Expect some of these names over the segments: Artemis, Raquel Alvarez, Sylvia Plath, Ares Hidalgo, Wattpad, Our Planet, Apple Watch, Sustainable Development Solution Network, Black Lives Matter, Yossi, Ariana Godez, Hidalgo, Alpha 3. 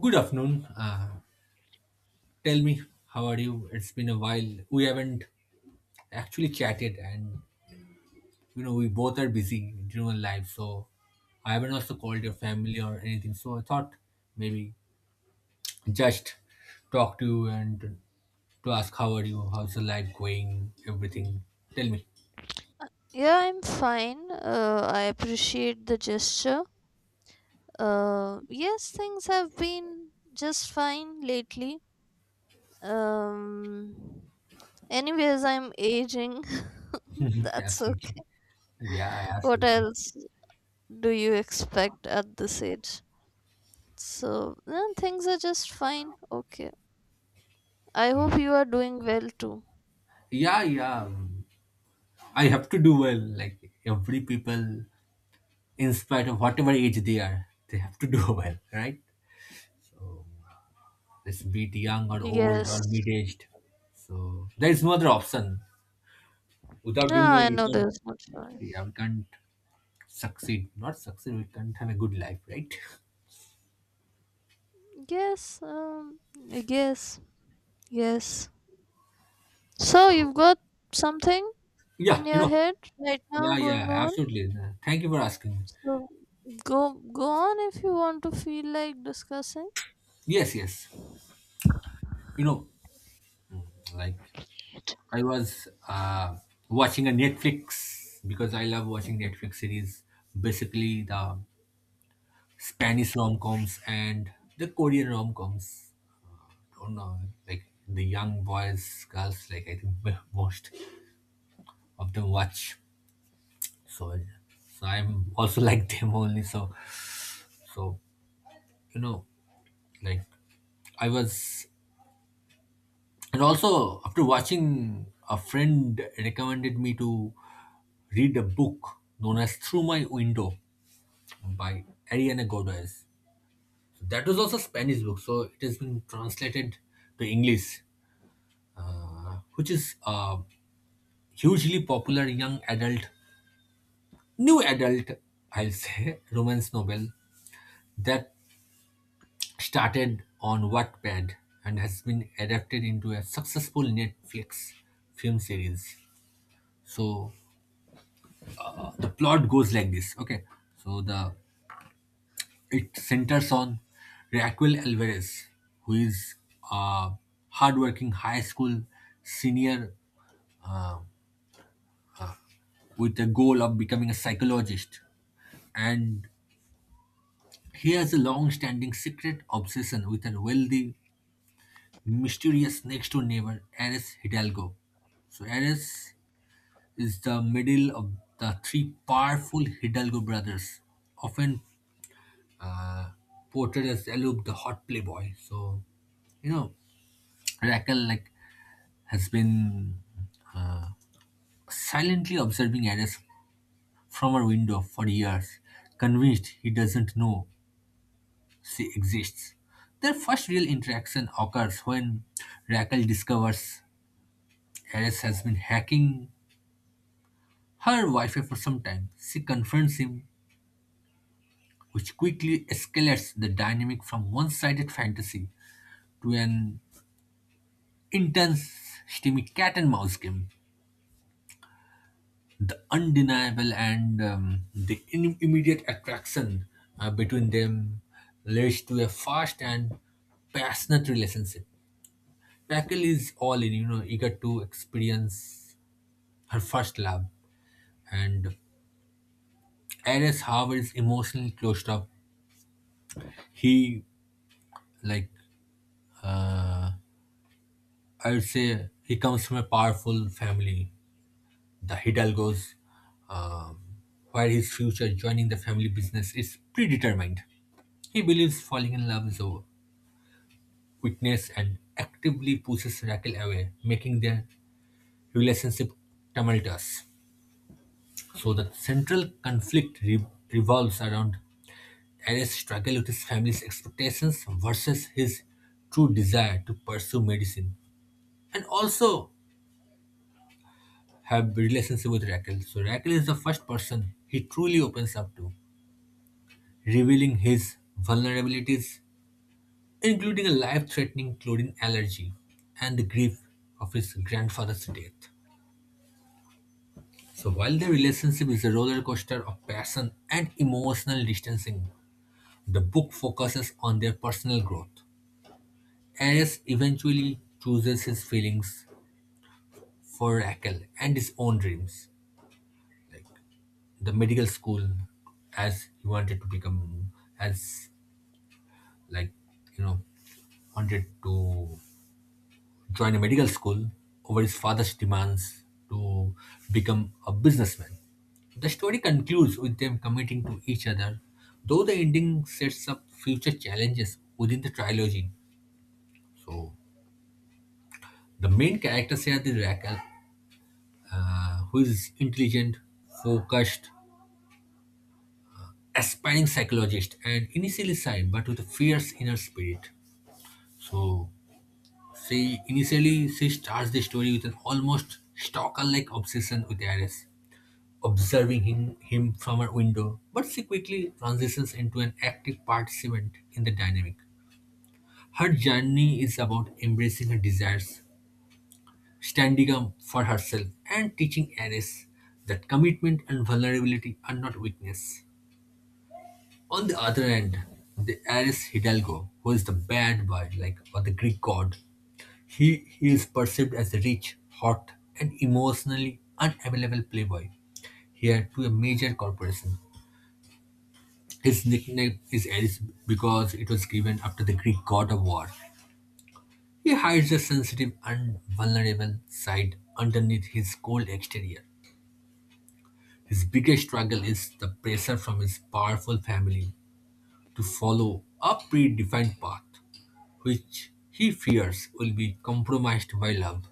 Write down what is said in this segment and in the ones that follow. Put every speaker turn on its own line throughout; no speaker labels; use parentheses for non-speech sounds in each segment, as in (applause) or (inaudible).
Good afternoon. Tell me, how are you? It's been a while. We haven't actually chatted, and you know, we both are busy during our life, so I haven't also called your family or anything. So I thought maybe just talk to you and to ask how are you, how's the life going, everything. Tell me.
Yeah, I'm fine. I appreciate the gesture. Yes, things have been just fine lately. Um, anyways, I'm aging. (laughs)
(laughs)
That's okay.
Absolutely. Yeah,
What
absolutely.
else do you expect at this age? So, yeah, things are just fine. Okay. I
Yeah,
hope you are doing well too.
yeah, I have to do well. Like every people in spite of whatever age they are, they have to (laughs) do well, right? So let's be it young or old or
Yes.
mid aged. So there is no other option. Without
No,
doing well,
I
you
know there's
can't,
no
yeah,
choice.
we can't succeed. Not succeed, we can't have a good life, right? (laughs)
Yes, yes, yes. So,
So
you've got something
yeah,
in
you
your
know,
head right now
yeah, yeah,
going on?
absolutely. Thank you for asking.
So go go on if you want to feel like discussing.
Yes, yes. You know, like I was watching a Netflix because I love watching Netflix series. Basically, the Spanish rom-coms and the Korean rom-coms. Don't know, like the young boys, girls, like I think (laughs) most of them watch. So, so I'm also (laughs) like them only. So, you know, like I was, and also after watching, a friend recommended me to read a book known as Through My Window by Ariana Godez. So that was also Spanish book. So it has been translated to English, which is hugely popular young adult, new adult, I'll say, (laughs) romance novel that started on Wattpad and has been adapted into a successful Netflix film series. So the plot goes like this. Okay, so the it centers on Raquel Alvarez, who is a hardworking high school senior with the goal of becoming a psychologist, and he has a long-standing secret obsession with a wealthy, mysterious next-door neighbor, Ares Hidalgo. So Ares is the middle of the three powerful Hidalgo brothers, often uh, portrayed as aloof, the hot playboy. So, you know, Raquel like has been uh, silently observing Ares from her window for years, convinced he doesn't know she exists. Their first real interaction occurs when Raquel discovers Ares has been hacking her Wi Fi for some time. She confronts him, which quickly escalates the dynamic from one sided fantasy to an intense, steamy cat and mouse game. The undeniable and the immediate attraction between them leads to a fast and passionate relationship. Raquel is all in, you know, eager to experience her first love and Ares Howard is emotionally closed up. He like uh, I would say he comes from a powerful family, the Hidalgos, um, where his future joining the family business is predetermined. He believes falling in love is a weakness and actively pushes Raquel away, making their relationship tumultuous. So the central conflict revolves around Tyrus struggled with his family's expectations versus his true desire to pursue medicine and also have relationship with Raquel. So Raquel is the first person he truly opens up to, revealing his vulnerabilities, including a life-threatening chlorine allergy and the grief of his grandfather's death. So while the relationship is a roller coaster of passion and emotional distancing, the book focuses on their personal growth. Ares eventually chooses his feelings for Raquel and his own dreams, like the medical school, as he wanted to become, as like you know, wanted to join a medical school over his father's demands to become a businessman. The story concludes with them committing to each other, though the ending sets up future challenges within the trilogy. So, the main characters here is Raquel, who is intelligent, focused, aspiring psychologist and initially shy but with a fierce inner spirit. So she initially she starts the story with an almost stalker-like obsession with Ares, observing him from her window, but she quickly transitions into an active participant in the dynamic. Her journey is about embracing her desires, standing up for herself, and teaching Ares that commitment and vulnerability are not weakness. On the other end, the heiress Hidalgo, who is the bad boy like, or the Greek god, he is perceived as a rich, hot, and emotionally unavailable playboy. He here to a major corporation. His nickname is Ares because it was given after the Greek god of war. He hides a sensitive and vulnerable side underneath his cold exterior. His biggest struggle is the pressure from his powerful family to follow a predefined path, which he fears will be compromised by love.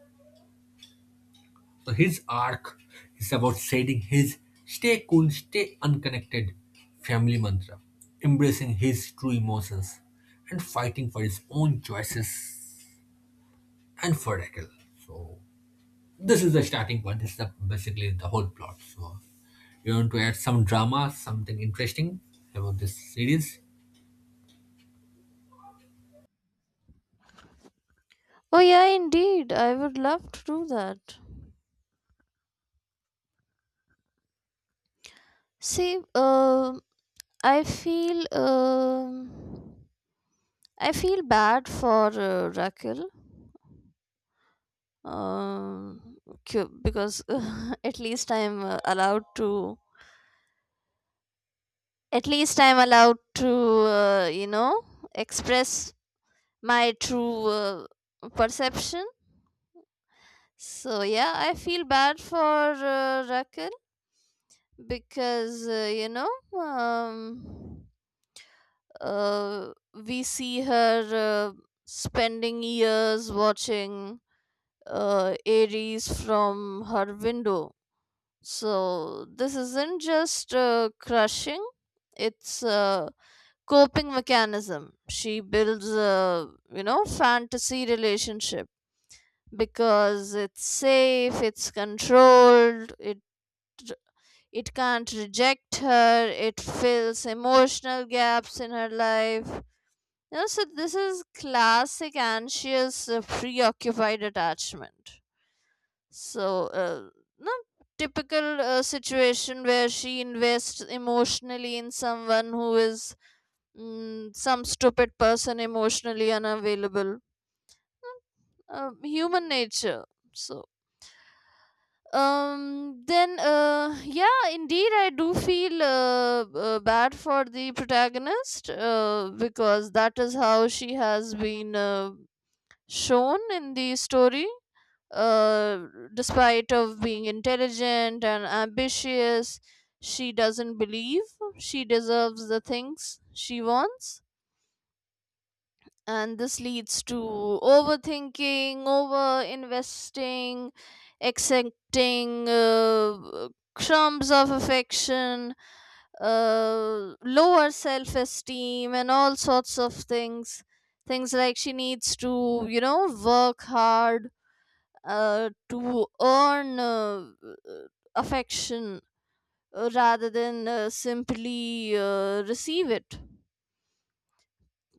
So his arc is about setting his stay cool, stay unconnected family mantra, embracing his true emotions, and fighting for his own choices and for Raquel. So this is the starting point. This is the, basically the whole plot. So you want to add some drama, something interesting about this series?
Oh yeah, indeed I would love to do that. See, i feel um I feel bad for Raquel, um because (laughs) at least i'm uh, allowed to at least I'm allowed to uh, you know express my true perception. So yeah, I feel bad for Raquel because um, we see her spending years watching Aries from her window. So this isn't just crushing; it's a coping mechanism. She builds a fantasy relationship because it's safe, it's controlled, it can't reject her, it fills emotional gaps in her life. You know, so this is classic anxious, preoccupied attachment. So, no, typical situation where she invests emotionally in someone who is, some stupid person emotionally unavailable. Human nature. So, then yeah, indeed I do feel bad for the protagonist because that is how she has been shown in the story. uh Despite of being intelligent and ambitious, she doesn't believe she deserves the things she wants, and this leads to overthinking, over investing, accepting crumbs of affection, lower self esteem and all sorts of things, things like she needs to, work hard to earn affection rather than simply receive it.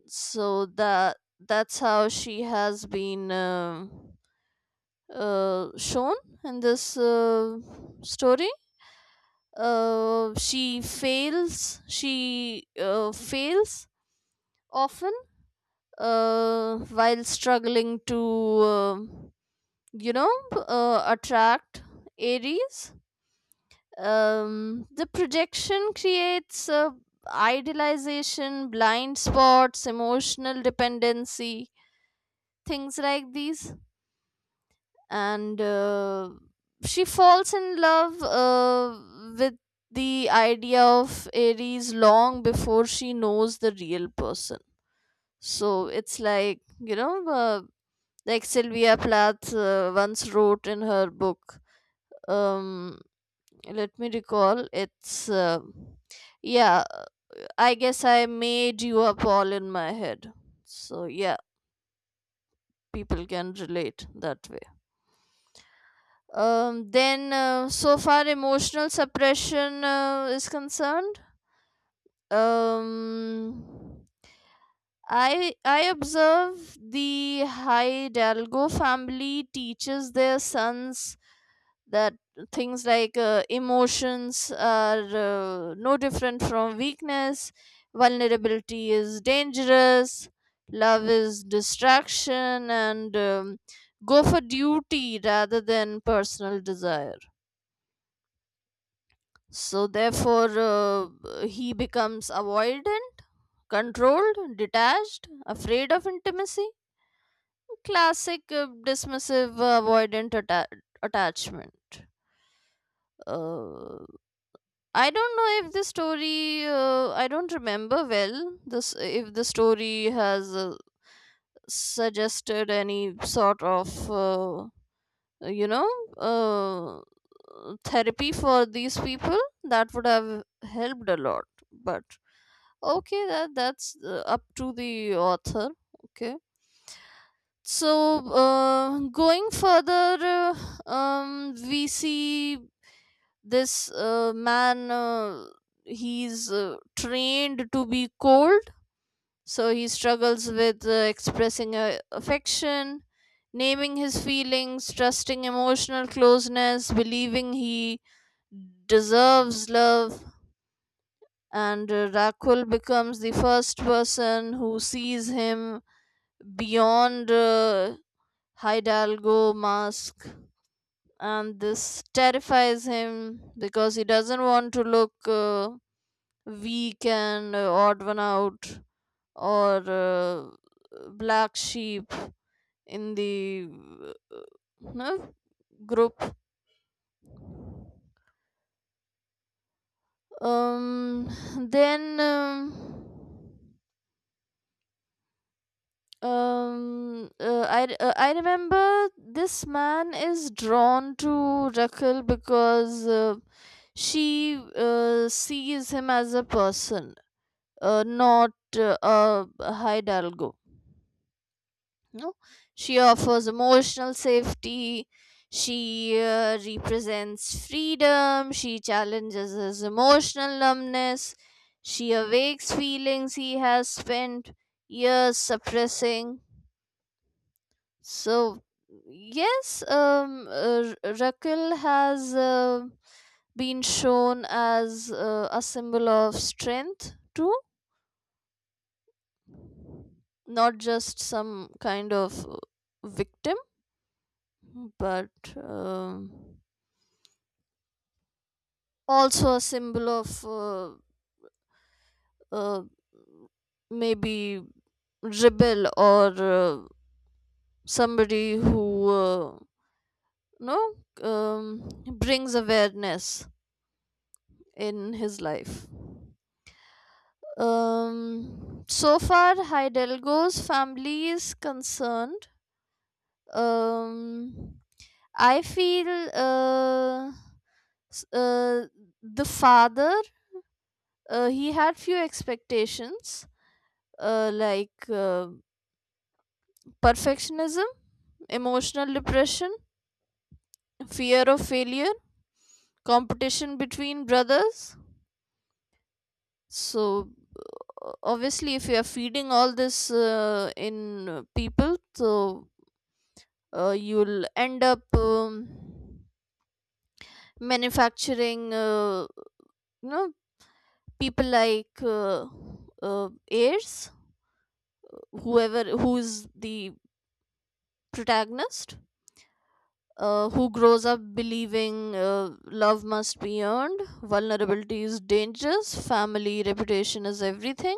So that's how she has been, shown in this story. She fails often while struggling to, you know attract Aries. The projection creates idealization, blind spots, emotional dependency, things like these. And she falls in love with the idea of Aries long before she knows the real person. So it's like, like Sylvia Plath once wrote in her book, um, let me recall, it's, yeah, I guess I made you up all in my head. So yeah, people can relate that way. Then, so far, emotional suppression is concerned. Um, I observe the Hidalgo family teaches their sons that things like emotions are no different from weakness, vulnerability is dangerous, love is distraction, and, go for duty rather than personal desire. So, therefore, he becomes avoidant, controlled, detached, afraid of intimacy. Classic dismissive avoidant attachment. Uh, I don't know if the story, I don't remember well this, if the story has suggested any sort of, you know, uh, therapy for these people that would have helped a lot. But okay, that's up to the author. Okay. So, going further, we see this man. He's trained to be cold, so he struggles with expressing affection, naming his feelings, trusting emotional closeness, believing he deserves love. And Rakul becomes the first person who sees him beyond Hidalgo mask, and this terrifies him because he doesn't want to look weak and odd one out or black sheep in the, uh, no, group. Um, then. Um, I remember this man is drawn to Raquel because she sees him as a person, not uh, a Hidalgo. No, she offers emotional safety. She represents freedom. She challenges his emotional numbness. She awakes feelings he has spent years suppressing. So yes, Rakil has been shown as a symbol of strength too, not just some kind of victim, but, um, also a symbol of uh, maybe rebel or somebody who no um, brings awareness in his life. So far, Hidalgo's family is concerned. Um, I feel, s- uh, the father he had few expectations like perfectionism, emotional depression, fear of failure, competition between brothers. So obviously, if you are feeding all this in people, so you'll end up, manufacturing you know people like heirs, whoever who's the protagonist who grows up believing love must be earned, vulnerability is dangerous, family reputation is everything.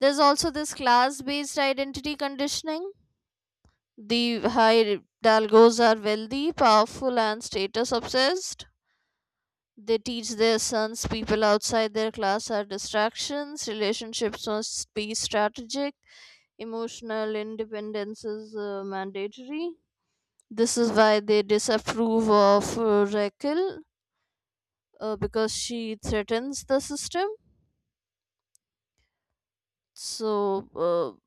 There's also this class based identity conditioning. The high dalgos are wealthy, powerful and status obsessed. They teach their sons people outside their class are distractions, relationships must be strategic, emotional independence is mandatory. This is why they disapprove of Raquel because she threatens the system. So, uh,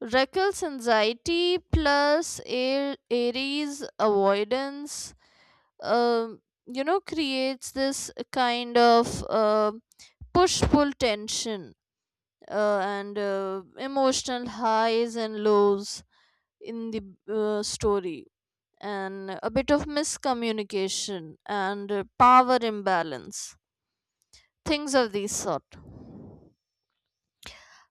Raquel's anxiety plus Aries' avoidance, um, creates this kind of push pull tension and emotional highs and lows in the story, and a bit of miscommunication and power imbalance, things of this sort.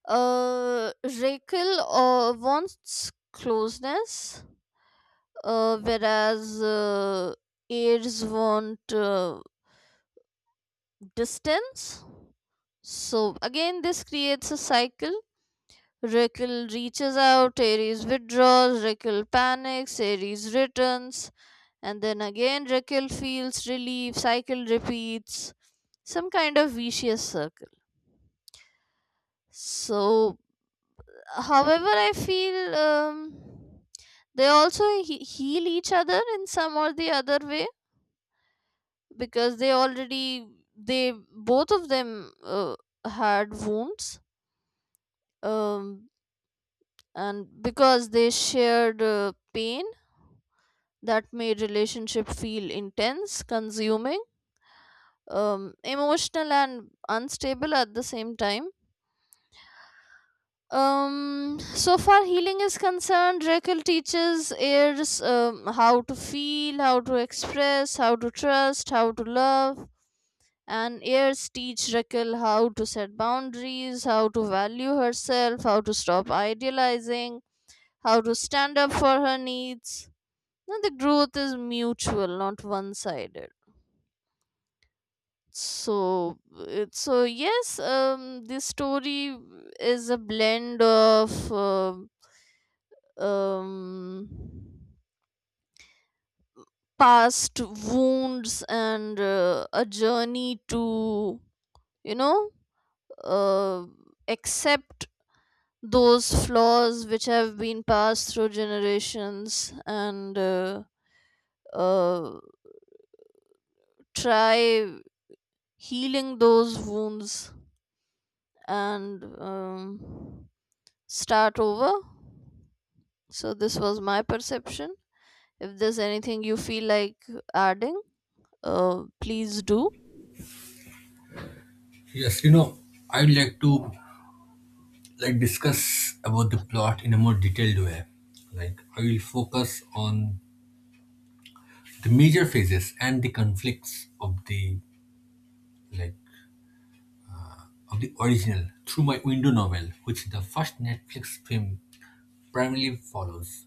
Raquel wants closeness, whereas aides want distance. So again, this creates a cycle. Rekil reaches out, Ares withdraws, Rekil panics, Ares returns, and then again Rekil feels relief, cycle repeats. Some kind of vicious circle. So, however, I feel, they also heal each other in some or the other way because they both of them had wounds. Um, and because they shared pain that made relationship feel intense, consuming, emotional, and unstable at the same time. So far healing is concerned, Raquel teaches heirs, how to feel, how to express, how to trust, how to love, and heirs teach Raquel how to set boundaries, how to value herself, how to stop idealizing, how to stand up for her needs. Now, the growth is mutual, not one sided. So so yes, this story is a blend of um past wounds and a journey to, you know uh, accept those flaws which have been passed through generations, and uh, try healing those wounds and, start over. So this was my perception. If there's anything you feel like adding, please do.
Yes, you know, I would like to like discuss about the plot in a more detailed way. Like I will focus on the major phases and the conflicts of the like of the original Through My Window novel, which the first Netflix film primarily follows.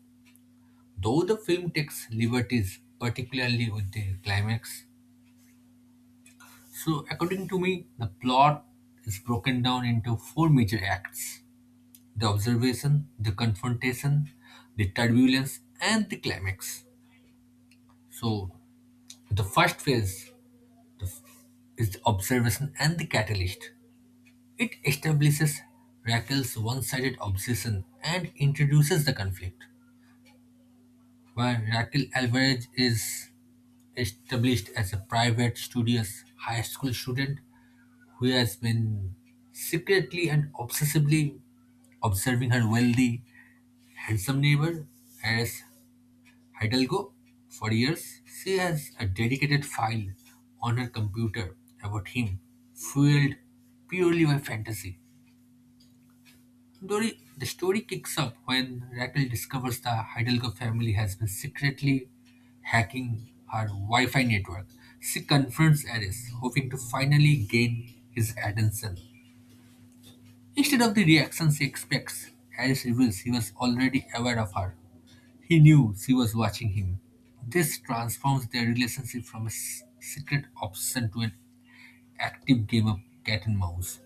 Though the film takes liberties, particularly with the climax. So according to me, the plot is broken down into four major acts. The observation, the confrontation, the turbulence, and the climax. So the first phase the- is the observation and the catalyst. It establishes Raquel's one sided obsession and introduces the conflict, where Raquel Alvarez is established as a private, studious high school student who has been secretly and obsessively observing her wealthy, handsome neighbor, as Hidalgo, for years, she has a dedicated file on her computer about him, fueled purely by fantasy. Dori, the story kicks up when Raquel discovers the Hidalgo family has been secretly hacking her Wi Fi network. She confronts Ares, hoping to finally gain his attention. Instead of the reaction she expects, Harris reveals he was already aware of her. He knew she was watching him. This transforms their relationship from a secret obsession to an active game of cat and mouse.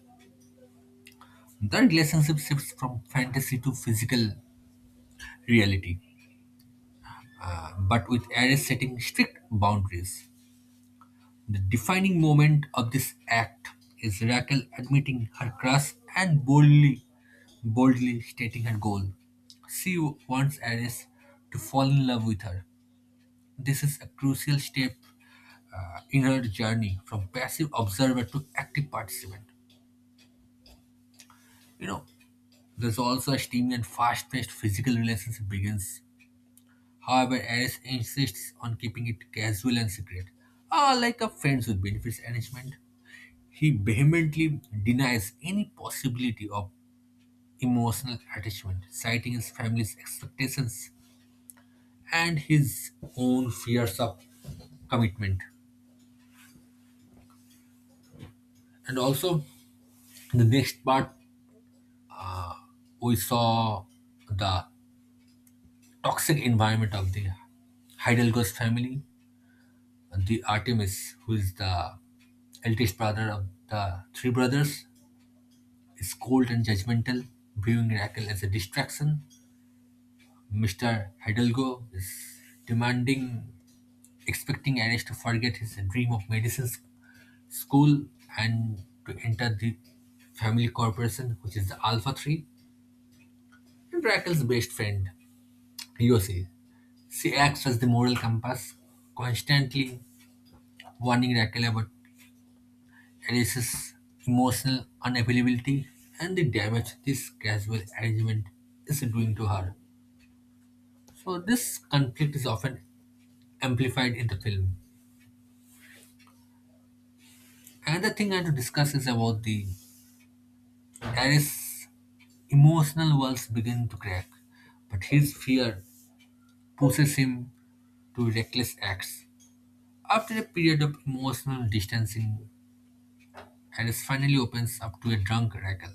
The relationship shifts from fantasy to physical reality, but with Ares setting strict boundaries. The defining moment of this act is Raquel admitting her crush and boldly stating her goal. She wants Ares to fall in love with her. This is a crucial step in her journey from passive observer to active participant. You know, there's also a steamy and fast-paced physical relationship begins. However, Ares insists on keeping it casual and secret, like a friends with benefits arrangement. He vehemently denies any possibility of emotional attachment, citing his family's expectations and his own fears of commitment. And also, in the next part, we saw the toxic environment of the Heidelberg's family, the Artemis, who is the eldest brother of the three brothers, is cold and judgmental, viewing Raquel as a distraction. Mr. Hidalgo is demanding, expecting Anish to forget his dream of medicine school and to enter the family corporation, which is the Alpha 3. And Raquel's best friend, Yossi, she acts as the moral compass, constantly warning Raquel about Alice's emotional unavailability and the damage this casual arrangement is doing to her. So, this conflict is often amplified in the film. Another thing I want to discuss is about the Darius' emotional walls begin to crack, but his fear pushes him to reckless acts. After a period of emotional distancing, Darius finally opens up to a drunk Raquel.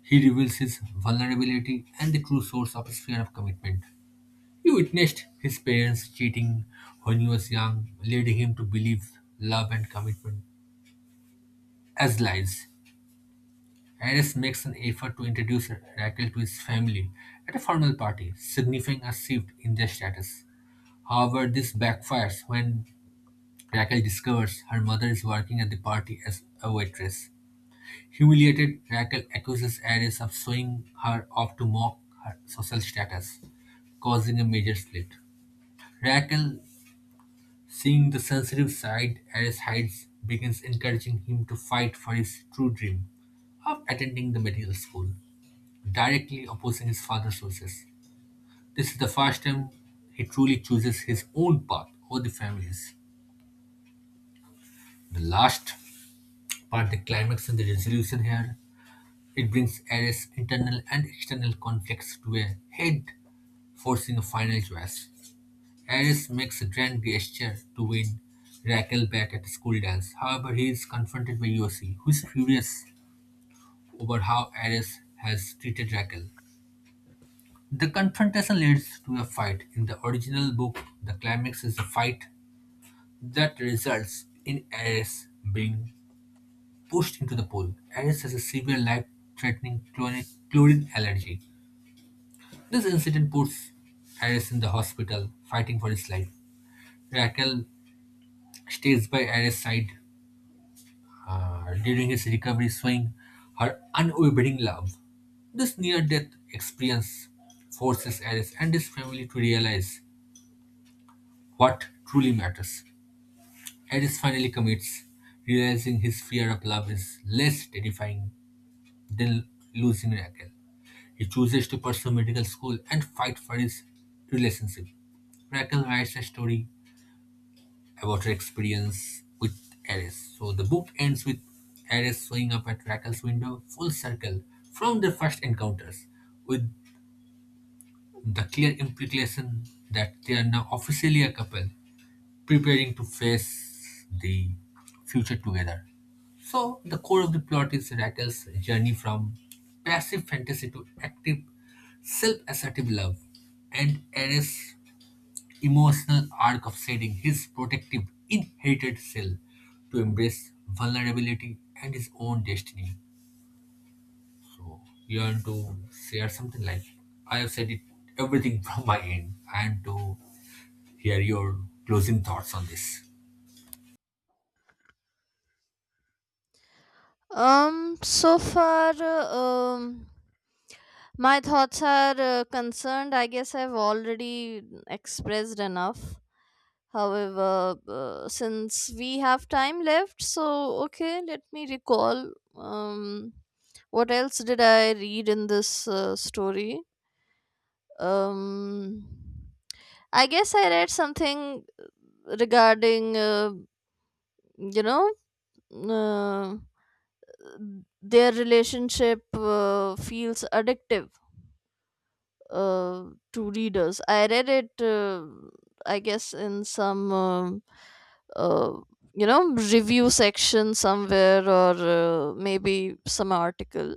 He reveals his vulnerability and the true source of his fear of commitment. He witnessed his parents cheating when he was young, leading him to believe love and commitment as lies. Harris makes an effort to introduce Raquel to his family at a formal party, signifying a shift in their status. However, this backfires when Raquel discovers her mother is working at the party as a waitress. Humiliated, Raquel accuses Harris of showing her off to mock her social status, causing a major split. Raquel, seeing the sensitive side Harris hides, begins encouraging him to fight for his true dream of attending the medical school, directly opposing his father's wishes. This is the first time he truly chooses his own path over the family's. The last part, the climax and the resolution here, it brings Ares' internal and external conflicts to a head, forcing a final choice. Ares makes a grand gesture to win Raquel back at the school dance. However, he is confronted by Yossi, who is furious over how Ares has treated Raquel. The confrontation leads to a fight. In the original book, the climax is a fight that results in Ares being pushed into the pool. Ares has a severe life-threatening chlorine allergy. This incident puts Ares in the hospital, fighting for his life. Raquel stays by Ares' side during his recovery, showing her unwavering love. This near-death experience forces Ares and his family to realize what truly matters. Eris finally commits, realizing his fear of love is less terrifying than losing Raquel. He chooses to pursue medical school and fight for his relationship. Raquel writes a story about her experience with Eris. So the book ends with Eris showing up at Raquel's window full circle from their first encounters, with the clear implication that they are now officially a couple preparing to face the future together. So, the core of the plot is Raquel's journey from passive fantasy to active, self assertive love, and Ares' emotional arc of setting his protective, inherited self to embrace vulnerability and his own destiny. So, you want to share something like, I have said it everything (laughs) from my end, and to hear your closing thoughts on this.
So far, my thoughts are concerned. I guess I've already expressed enough. However, since we have time left, so okay, let me recall. What else did I read in this story? Um, I guess I read something regarding you know uh, their relationship feels addictive uh, to readers. I read it, I guess, in some, uh, review section somewhere or maybe some article,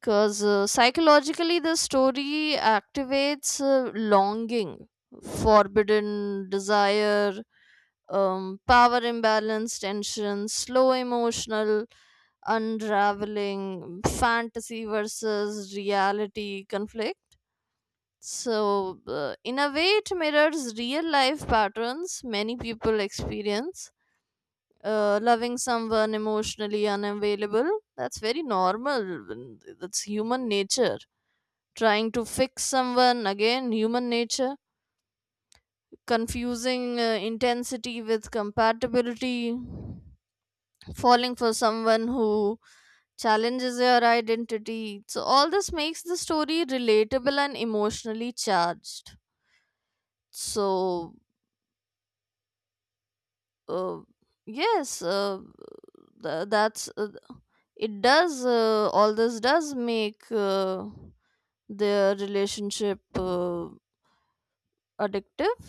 because psychologically the story activates longing, forbidden desire, power imbalance, tension, slow emotional unraveling, fantasy versus reality conflict. So, in a way, it mirrors real life patterns many people experience. Loving someone emotionally unavailable, that's very normal. And that's human nature. Trying to fix someone, again, human nature. Confusing intensity with compatibility, falling for someone who challenges your identity. So, all this makes the story relatable and emotionally charged. So, uh, yes, that's it, does all this does make their relationship addictive,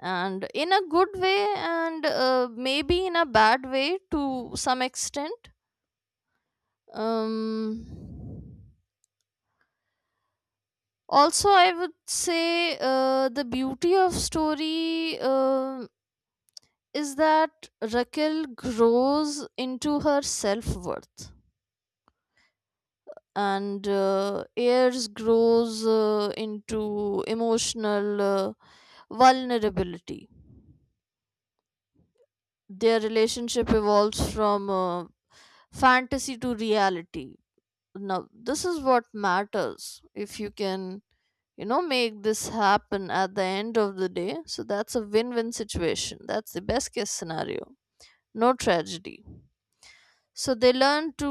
and in a good way and maybe in a bad way to some extent. um Also I would say the beauty of story is that Raquel grows into her self-worth and Ayers grows into emotional vulnerability. Their relationship evolves from fantasy to reality. Now, this is what matters. If you can, make this happen at the end of the day, so that's a win-win situation, that's the best case scenario, no tragedy. So they learn to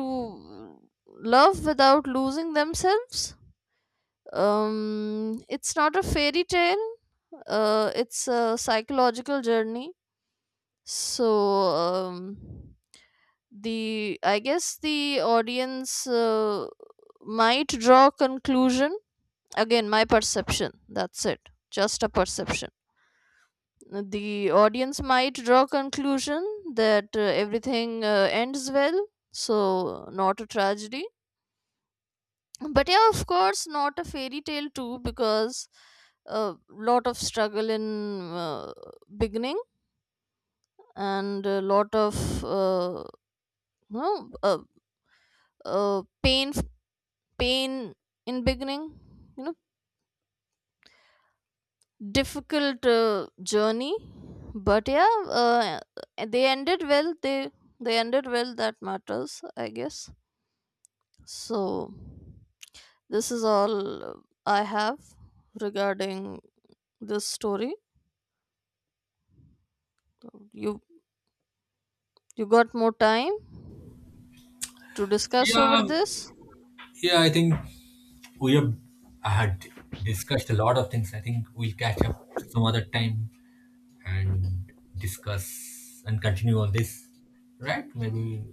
love without losing themselves. It's not a fairy tale, it's a psychological journey. So, um the, I guess the audience might draw conclusion, again my perception, that's it, just a perception. The audience might draw conclusion that everything ends well. So not a tragedy, but yeah, of course not a fairy tale too, because a lot of struggle in beginning and a lot of you know, uh, pain, pain in beginning, you know, difficult journey, but yeah they ended well, they ended well, that matters I guess. So, this is all I have regarding this story. You you got more time to discuss
Yeah,
over this?
Yeah, I think we have had discussed a lot of things. I think we'll catch up some other time and discuss and continue on this. Right? Maybe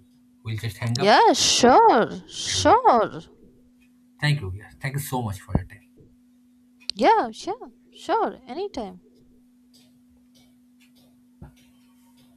we'll just hang up.
Yeah, sure.
Yeah.
Sure.
Thank you. Yeah. Thank you so much for your time.
Yeah, sure. Sure. Anytime.